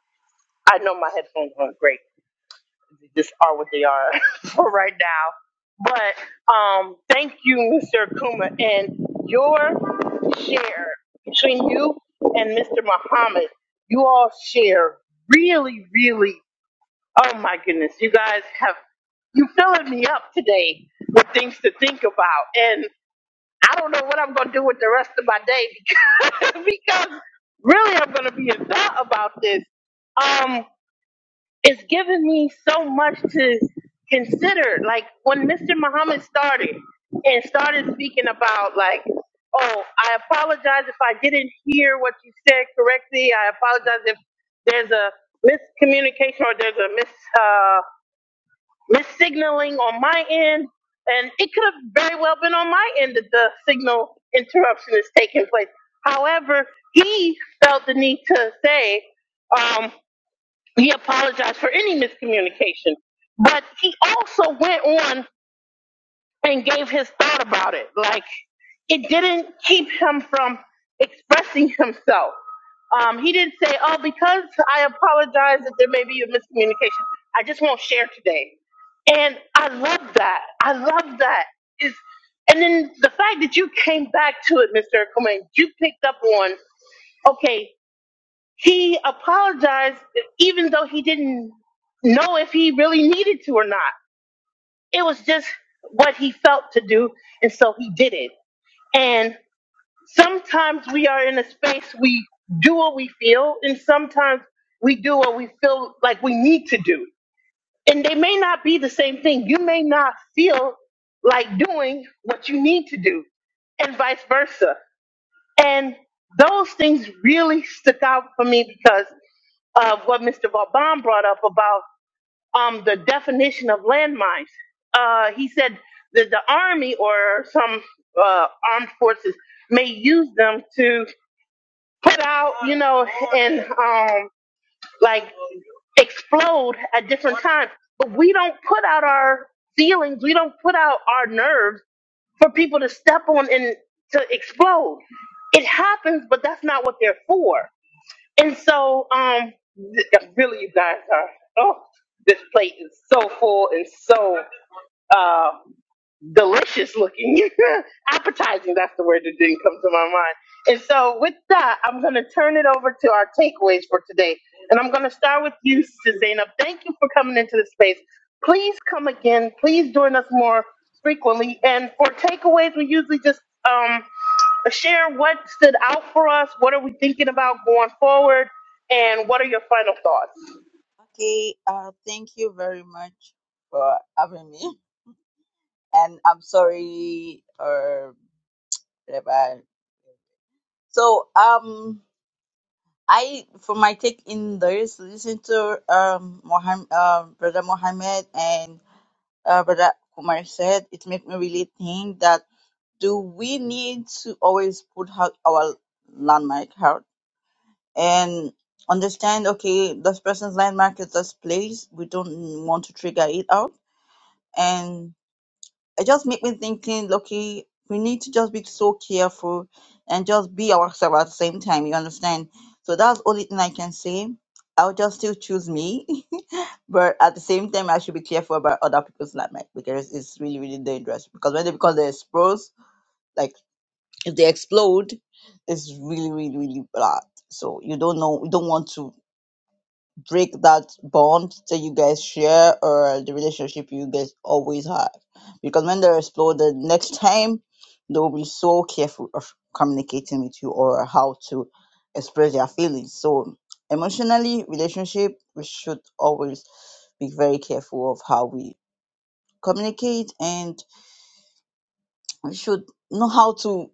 S1: I know my headphones aren't great. They just are what they are for right now. But um, thank you, Mr. Akuma, and your share between you and Mr. Muhammad. You all share really, really. Oh my goodness, you guys have you filling me up today with things to think about, and I don't know what I'm gonna do with the rest of my day because, because really I'm gonna be in thought about this. um it's given me so much to consider. Like when Mr. Muhammad started and started speaking about like, oh, I apologize if I didn't hear what you said correctly. I apologize if there's a miscommunication or there's a mis uh, missignaling on my end. And it could have very well been on my end that the signal interruption is taking place. However, he felt the need to say, um. He apologized for any miscommunication, but he also went on and gave his thought about it. Like it didn't keep him from expressing himself. Um, he didn't say, "Oh, because I apologize that there may be a miscommunication, I just won't share today." And I love that. I love that. Is and then the fact that you came back to it, Mr. Coleman, you picked up on. Okay, he apologized even though he didn't know if he really needed to or not. It was just what he felt to do, and so he did it. And sometimes we are in a space we do what we feel, and sometimes we do what we feel like we need to do. And they may not be the same thing. You may not feel like doing what you need to do, and vice versa. And those things really stuck out for me because of what Mr. Vauban brought up about um, the definition of landmines. Uh, he said that the Army or some uh, armed forces may use them to put out, you know, and um, like explode at different times. But we don't put out our feelings, we don't put out our nerves for people to step on and to explode. It happens, but that's not what they're for. And so, um, th- really, you guys are. Oh, this plate is so full and so um, delicious looking, appetizing. That's the word that didn't come to my mind. And so, with that, I'm going to turn it over to our takeaways for today. And I'm going to start with you, Zainab. Thank you for coming into the space. Please come again. Please join us more frequently. And for takeaways, we usually just um, share what stood out for us. What are we thinking about going forward? And what are your final thoughts?
S2: Okay, uh thank you very much for having me. And I'm sorry or whatever. So um I for my take in this listen to um Mohammed, um brother Mohammed and uh brother Kumar said it made me really think that do we need to always put out our landmark out and understand okay this person's landmark is this place we don't want to trigger it out and it just made me thinking okay we need to just be so careful and just be ourselves at the same time you understand so that's the only thing i can say i'll just still choose me but at the same time i should be careful about other people's landmark because it's really really dangerous because when they become the exposed like if they explode, it's really, really, really bad. So you don't know, you don't want to break that bond that you guys share or the relationship you guys always have. Because when they explode, the next time they will be so careful of communicating with you or how to express their feelings. So emotionally, relationship, we should always be very careful of how we communicate and. We should know how to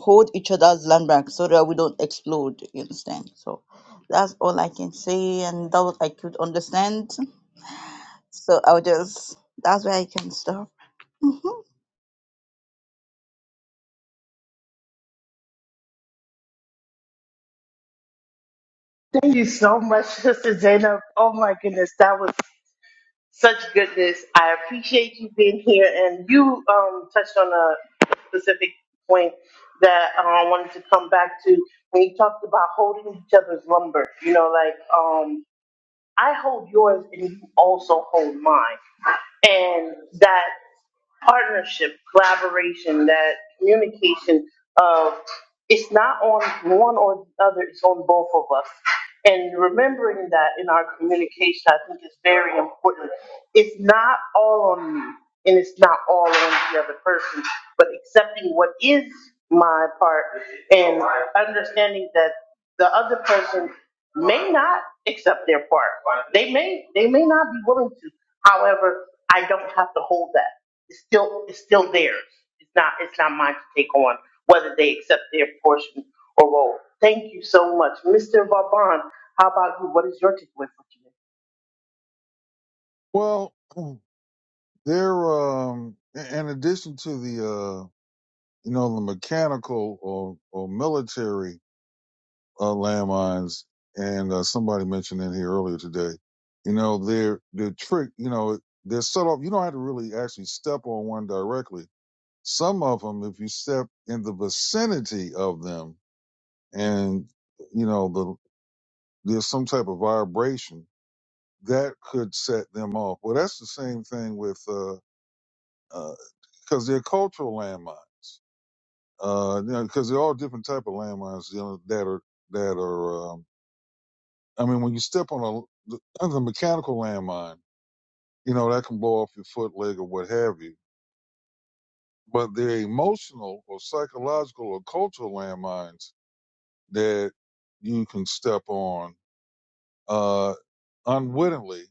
S2: hold each other's land back so that we don't explode. You understand? So that's all I can say, and that what I could understand. So I'll just that's where I can stop. Mm-hmm.
S1: Thank you so much, Sister Zainab. Oh my goodness, that was. Such goodness. I appreciate you being here, and you um, touched on a specific point that uh, I wanted to come back to when you talked about holding each other's lumber. You know, like. Um, I hold yours and you also hold mine. And that partnership, collaboration, that communication of it's not on one or the other, it's on both of us. And remembering that in our communication, I think is very important. It's not all on me and it's not all on the other person, but accepting what is my part and understanding that the other person may not accept their part. They may they may not be willing to. However, I don't have to hold that. It's still it's still theirs. It's not it's not mine to take on whether they accept their portion or role. Thank you so much, Mr. Vaban. How about you? What is your takeaway for today?
S3: Well, hmm, there, um, in addition to the, uh, you know, the mechanical or, or military, uh, landmines, and, uh, somebody mentioned in here earlier today, you know, they're, they're trick, you know, they're set off. You don't have to really actually step on one directly Some of them, if you step in the vicinity of them and, you know, the, there's some type of vibration that could set them off. Well, that's the same thing with, uh, uh, cause they're cultural landmines. Uh, you know, cause they're all different type of landmines, you know, that are, that are, um, I mean, when you step on a, the, the mechanical landmine, you know, that can blow off your foot, leg, or what have you but they're emotional or psychological or cultural landmines that you can step on uh, unwittingly,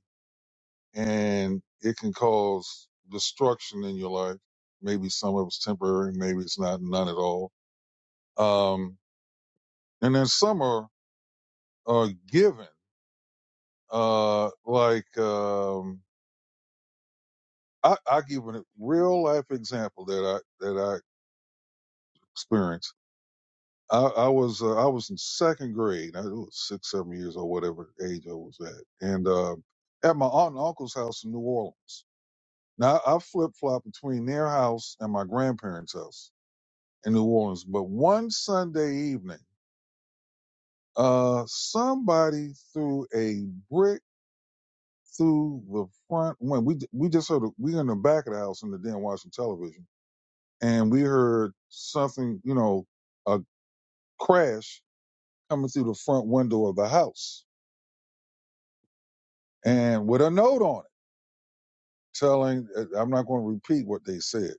S3: and it can cause destruction in your life. Maybe some of it's temporary, maybe it's not none at all. Um, and then some are, are given. Uh, like um, I, I give a real life example that I that I experienced. I, I was uh, I was in second grade. I was six, seven years or whatever age I was at, and uh, at my aunt and uncle's house in New Orleans Now I flip flop between their house and my grandparents' house in New Orleans. But one Sunday evening, uh, somebody threw a brick through the front window. We we just heard a, we were in the back of the house in the den watching television, and we heard something, you know, a crash coming through the front window of the house, and with a note on it telling. uh, I'm not going to repeat what they said,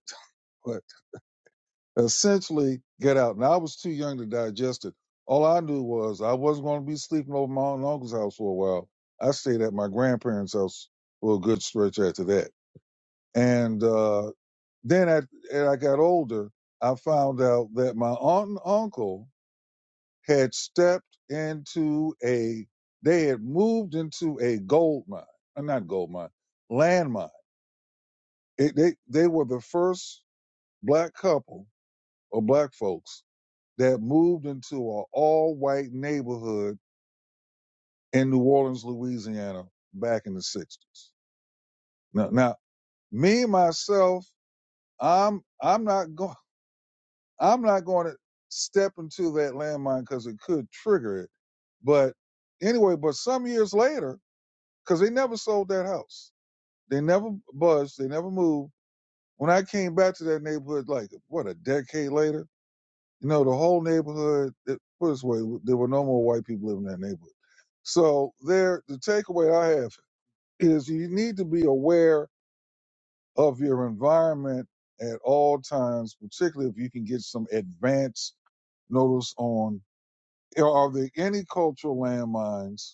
S3: but. essentially get out. Now I was too young to digest it. All I knew was I wasn't going to be sleeping over my aunt and uncle's house for a while. I stayed at my grandparents' house for a good stretch after that. And uh, then I, as I got older, I found out that my aunt and uncle had stepped into a, they had moved into a gold mine, uh, not gold mine, landmine. It, they, they were the first black couple or black folks that moved into an all white neighborhood in New Orleans, Louisiana back in the 60s. Now, now me myself, I'm I'm not going I'm not going to step into that landmine because it could trigger it. But anyway, but some years later, because they never sold that house, they never budged, they never moved. When I came back to that neighborhood, like what a decade later, You know, the whole neighborhood, it, put it this way, there were no more white people living in that neighborhood. So there, the takeaway I have is you need to be aware of your environment at all times, particularly if you can get some advance notice on, are there any cultural landmines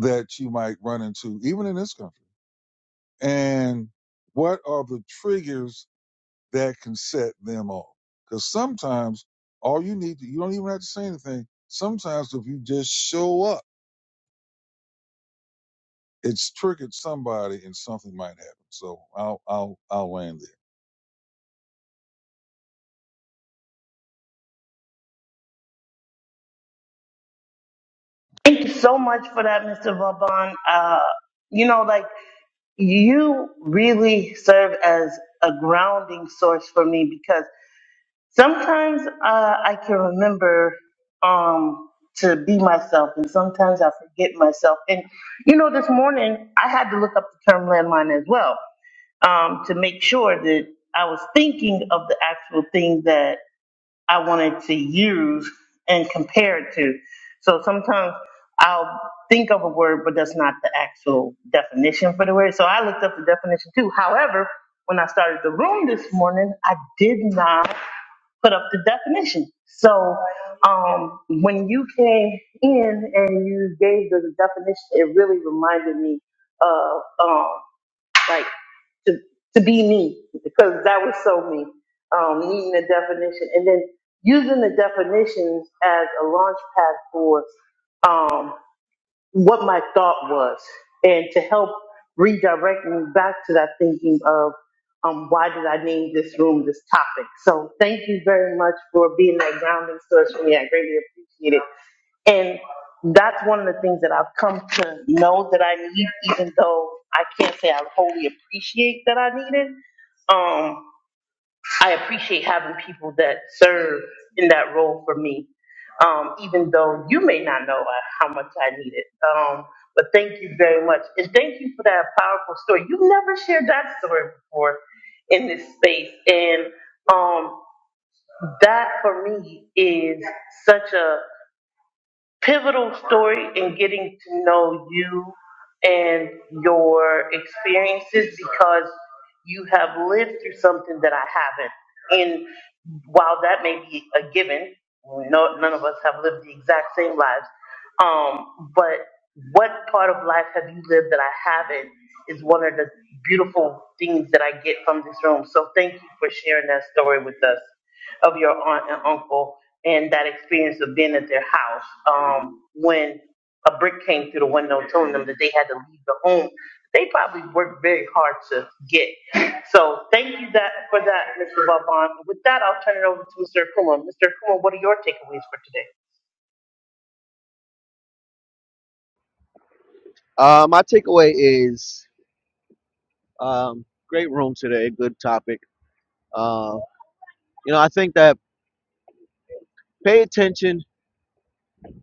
S3: that you might run into, even in this country? And what are the triggers that can set them off. Because sometimes all you need to, you don't even have to say anything. Sometimes if you just show up, it's triggered somebody and something might happen. So I'll, I'll, I'll land there.
S1: Thank you so much for that, Mr. Vaban. Uh, you know, like you really serve as a grounding source for me because. Sometimes uh, I can remember um, to be myself, and sometimes I forget myself. And you know, this morning I had to look up the term landmine as well um, to make sure that I was thinking of the actual thing that I wanted to use and compare it to. So sometimes I'll think of a word, but that's not the actual definition for the word. So I looked up the definition too. However, when I started the room this morning, I did not put up the definition. So um, when you came in and you gave the definition, it really reminded me of. um, like to to be me because that was so me. Um, needing a definition and then using the definitions as a launch pad for um, what my thought was and to help redirect me back to that thinking of um, why did I name this room this topic. So thank you very much for being that grounding source for me. I greatly appreciate it. And that's one of the things that I've come to know that I need, even though I can't say I wholly appreciate that I need it. Um, I appreciate having people that serve in that role for me, um, even though you may not know uh, how much I need it. Um, but thank you very much. And thank you for that powerful story. You've never shared that story before in this space. And um, that for me is such a pivotal story in getting to know you and your experiences because you have lived through something that I haven't. And while that may be a given, no, none of us have lived the exact same lives. Um, but what part of life have you lived that I haven't is one of the beautiful things that I get from this room. So thank you for sharing that story with us of your aunt and uncle and that experience of being at their house um, when a brick came through the window telling them that they had to leave the home. They probably worked very hard to get. So thank you that for that, Mr. Vaughn. With that, I'll turn it over to Mr. Akuma. Mr. Akuma, what are your takeaways for today?
S4: there. Uh, my takeaway is um, great room today. Good topic. Uh, you know, I think that pay attention,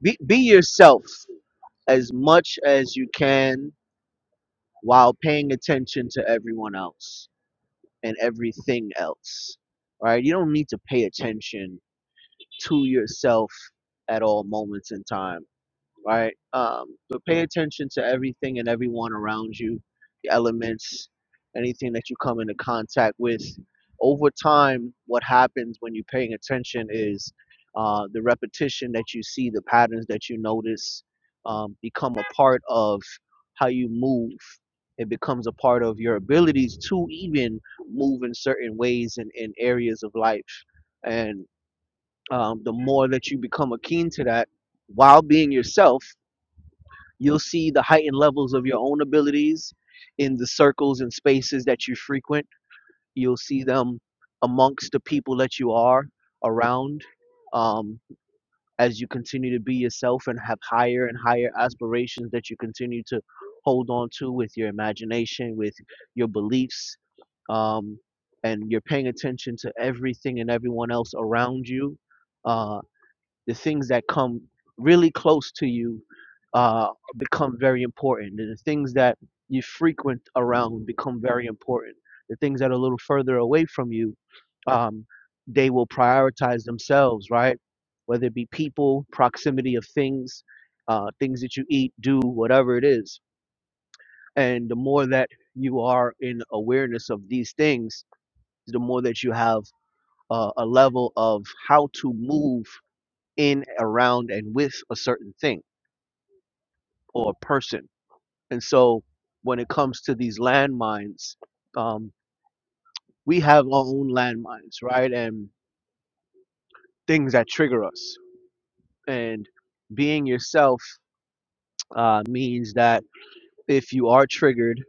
S4: be, be yourself as much as you can while paying attention to everyone else and everything else. All Right? You don't need to pay attention to yourself at all moments in time right? Um, but pay attention to everything and everyone around you, the elements, anything that you come into contact with. Over time, what happens when you're paying attention is uh, the repetition that you see, the patterns that you notice um, become a part of how you move. It becomes a part of your abilities to even move in certain ways and in areas of life. And um, the more that you become akin to that while being yourself, You'll see the heightened levels of your own abilities in the circles and spaces that you frequent. You'll see them amongst the people that you are around um, as you continue to be yourself and have higher and higher aspirations that you continue to hold on to with your imagination, with your beliefs, um, and you're paying attention to everything and everyone else around you. Uh, the things that come really close to you uh, become very important. The things that you frequent around become very important. The things that are a little further away from you, um, they will prioritize themselves, right? Whether it be people, proximity of things, uh, things that you eat, do, whatever it is. And the more that you are in awareness of these things, the more that you have uh, a level of how to move in, around, and with a certain thing or a person. And so when it comes to these landmines, um, we have our own landmines, right? And things that trigger us. And being yourself uh, means that if you are triggered,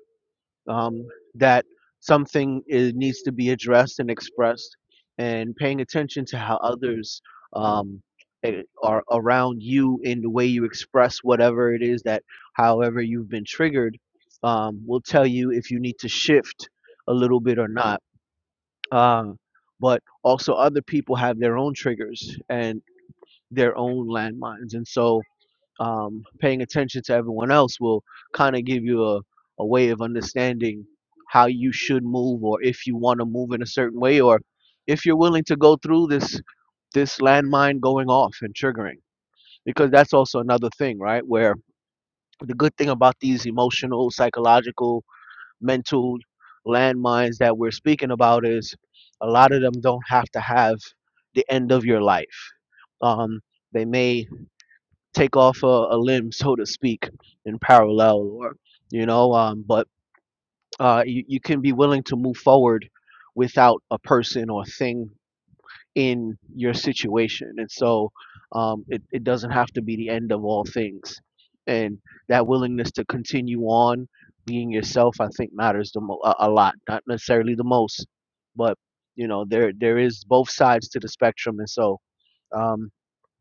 S4: um, that something is, needs to be addressed and expressed, and paying attention to how others um, eh, are around you in the way you express whatever it is that, however, you've been triggered, um, will tell you if you need to shift a little bit or not. Uh, but also, other people have their own triggers and their own landmines, and so um, paying attention to everyone else will kind of give you a, a way of understanding how you should move or if you want to move in a certain way or if you're willing to go through this this landmine going off and triggering because that's also another thing right where the good thing about these emotional psychological mental landmines that we're speaking about is a lot of them don't have to have the end of your life um, they may take off a, a limb, so to speak, in parallel, or you know, um, but uh, you, you can be willing to move forward without a person or thing in your situation, and so um, it it doesn't have to be the end of all things, and that willingness to continue on being yourself, I think, matters the mo- a, a lot, not necessarily the most, but you know, there there is both sides to the spectrum, and so. Um,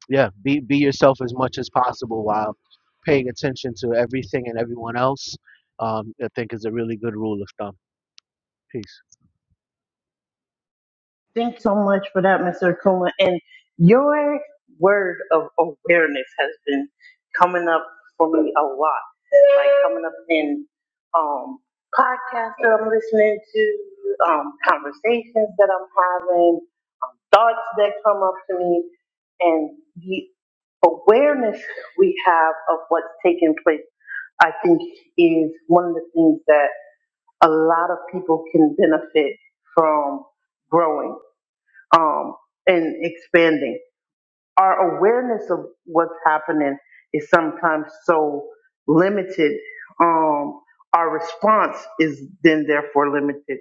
S4: yeah be be yourself as much as possible while paying attention to everything and everyone else um, i think is a really good rule of thumb peace
S1: Thanks so much for that, Mr. Akuma. And your word of awareness has been coming up for me a lot. Like coming up in um, podcasts that I'm listening to, um, conversations that I'm having, thoughts that come up to me, and the awareness we have of what's taking place, I think, is one of the things that a lot of people can benefit from growing um, and expanding our awareness of what's happening is sometimes so limited. Um, our response is then therefore limited.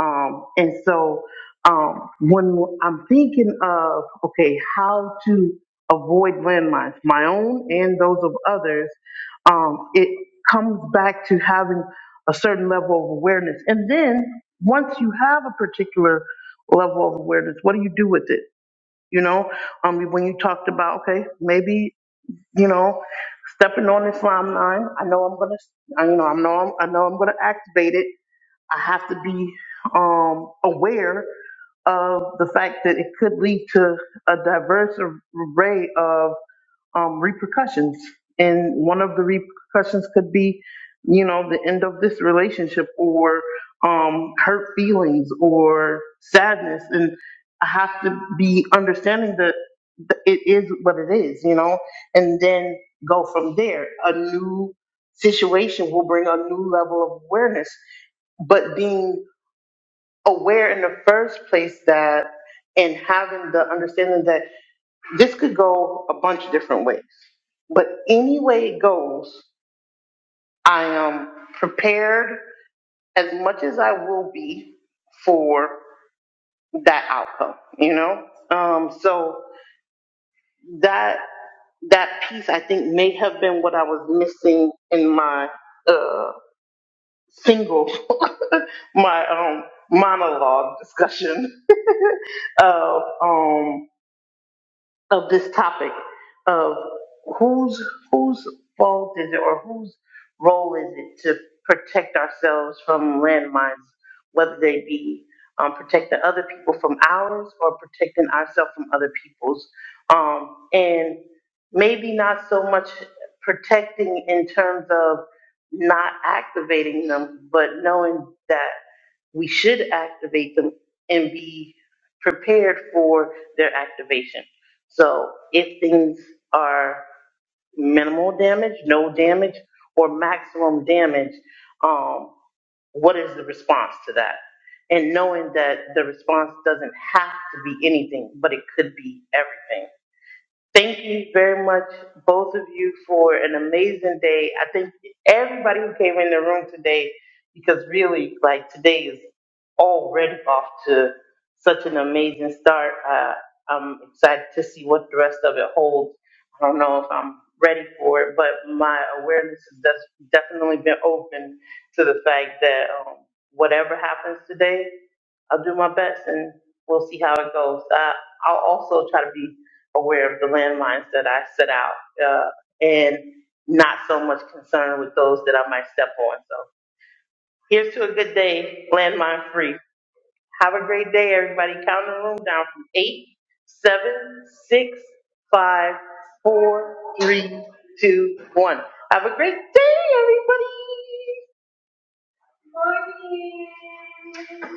S1: Um, and so um, when I'm thinking of, okay, how to avoid landmines, my own and those of others, um, it comes back to having a certain level of awareness. And then once you have a particular level of awareness, what do you do with it? you know, um, when you talked about, okay, maybe, you know, stepping on this slime line, I know I'm going to, you know, I know, I'm, I know I'm going to activate it. I have to be, um, aware of the fact that it could lead to a diverse array of um, repercussions. And one of the repercussions could be, you know, the end of this relationship or um, hurt feelings or sadness. And I have to be understanding that th- it is what it is, you know, and then go from there. A new situation will bring a new level of awareness but being aware in the first place that and having the understanding that this could go a bunch of different ways. But any way it goes, I am prepared as much as I will be for that outcome, you know? Um, so that that piece I think may have been what I was missing in my uh single my um monologue discussion of um of this topic of whose whose fault is it or whose role is it to protect ourselves from landmines, whether they be um, protecting other people from ours or protecting ourselves from other people's, um, and maybe not so much protecting in terms of not activating them, but knowing that we should activate them and be prepared for their activation so if things are minimal damage, no damage, or maximum damage, um, what is the response to that? And knowing that the response doesn't have to be anything, but it could be everything. Thank you very much, both of you, for an amazing day. I thank everybody who came in the room today because really, like, today is already off to such an amazing start. Uh, I'm excited to see what the rest of it holds. I don't know if I'm ready for it, but my awareness has def- definitely been open to the fact that um, whatever happens today, I'll do my best and we'll see how it goes. I, I'll also try to be aware of the landmines that I set out uh, and not so much concerned with those that I might step on. So here's to a good day, landmine free. Have a great day, everybody. Count the room down from eight, seven, six, five, four, three, two, one. Have a great day, everybody. Morning.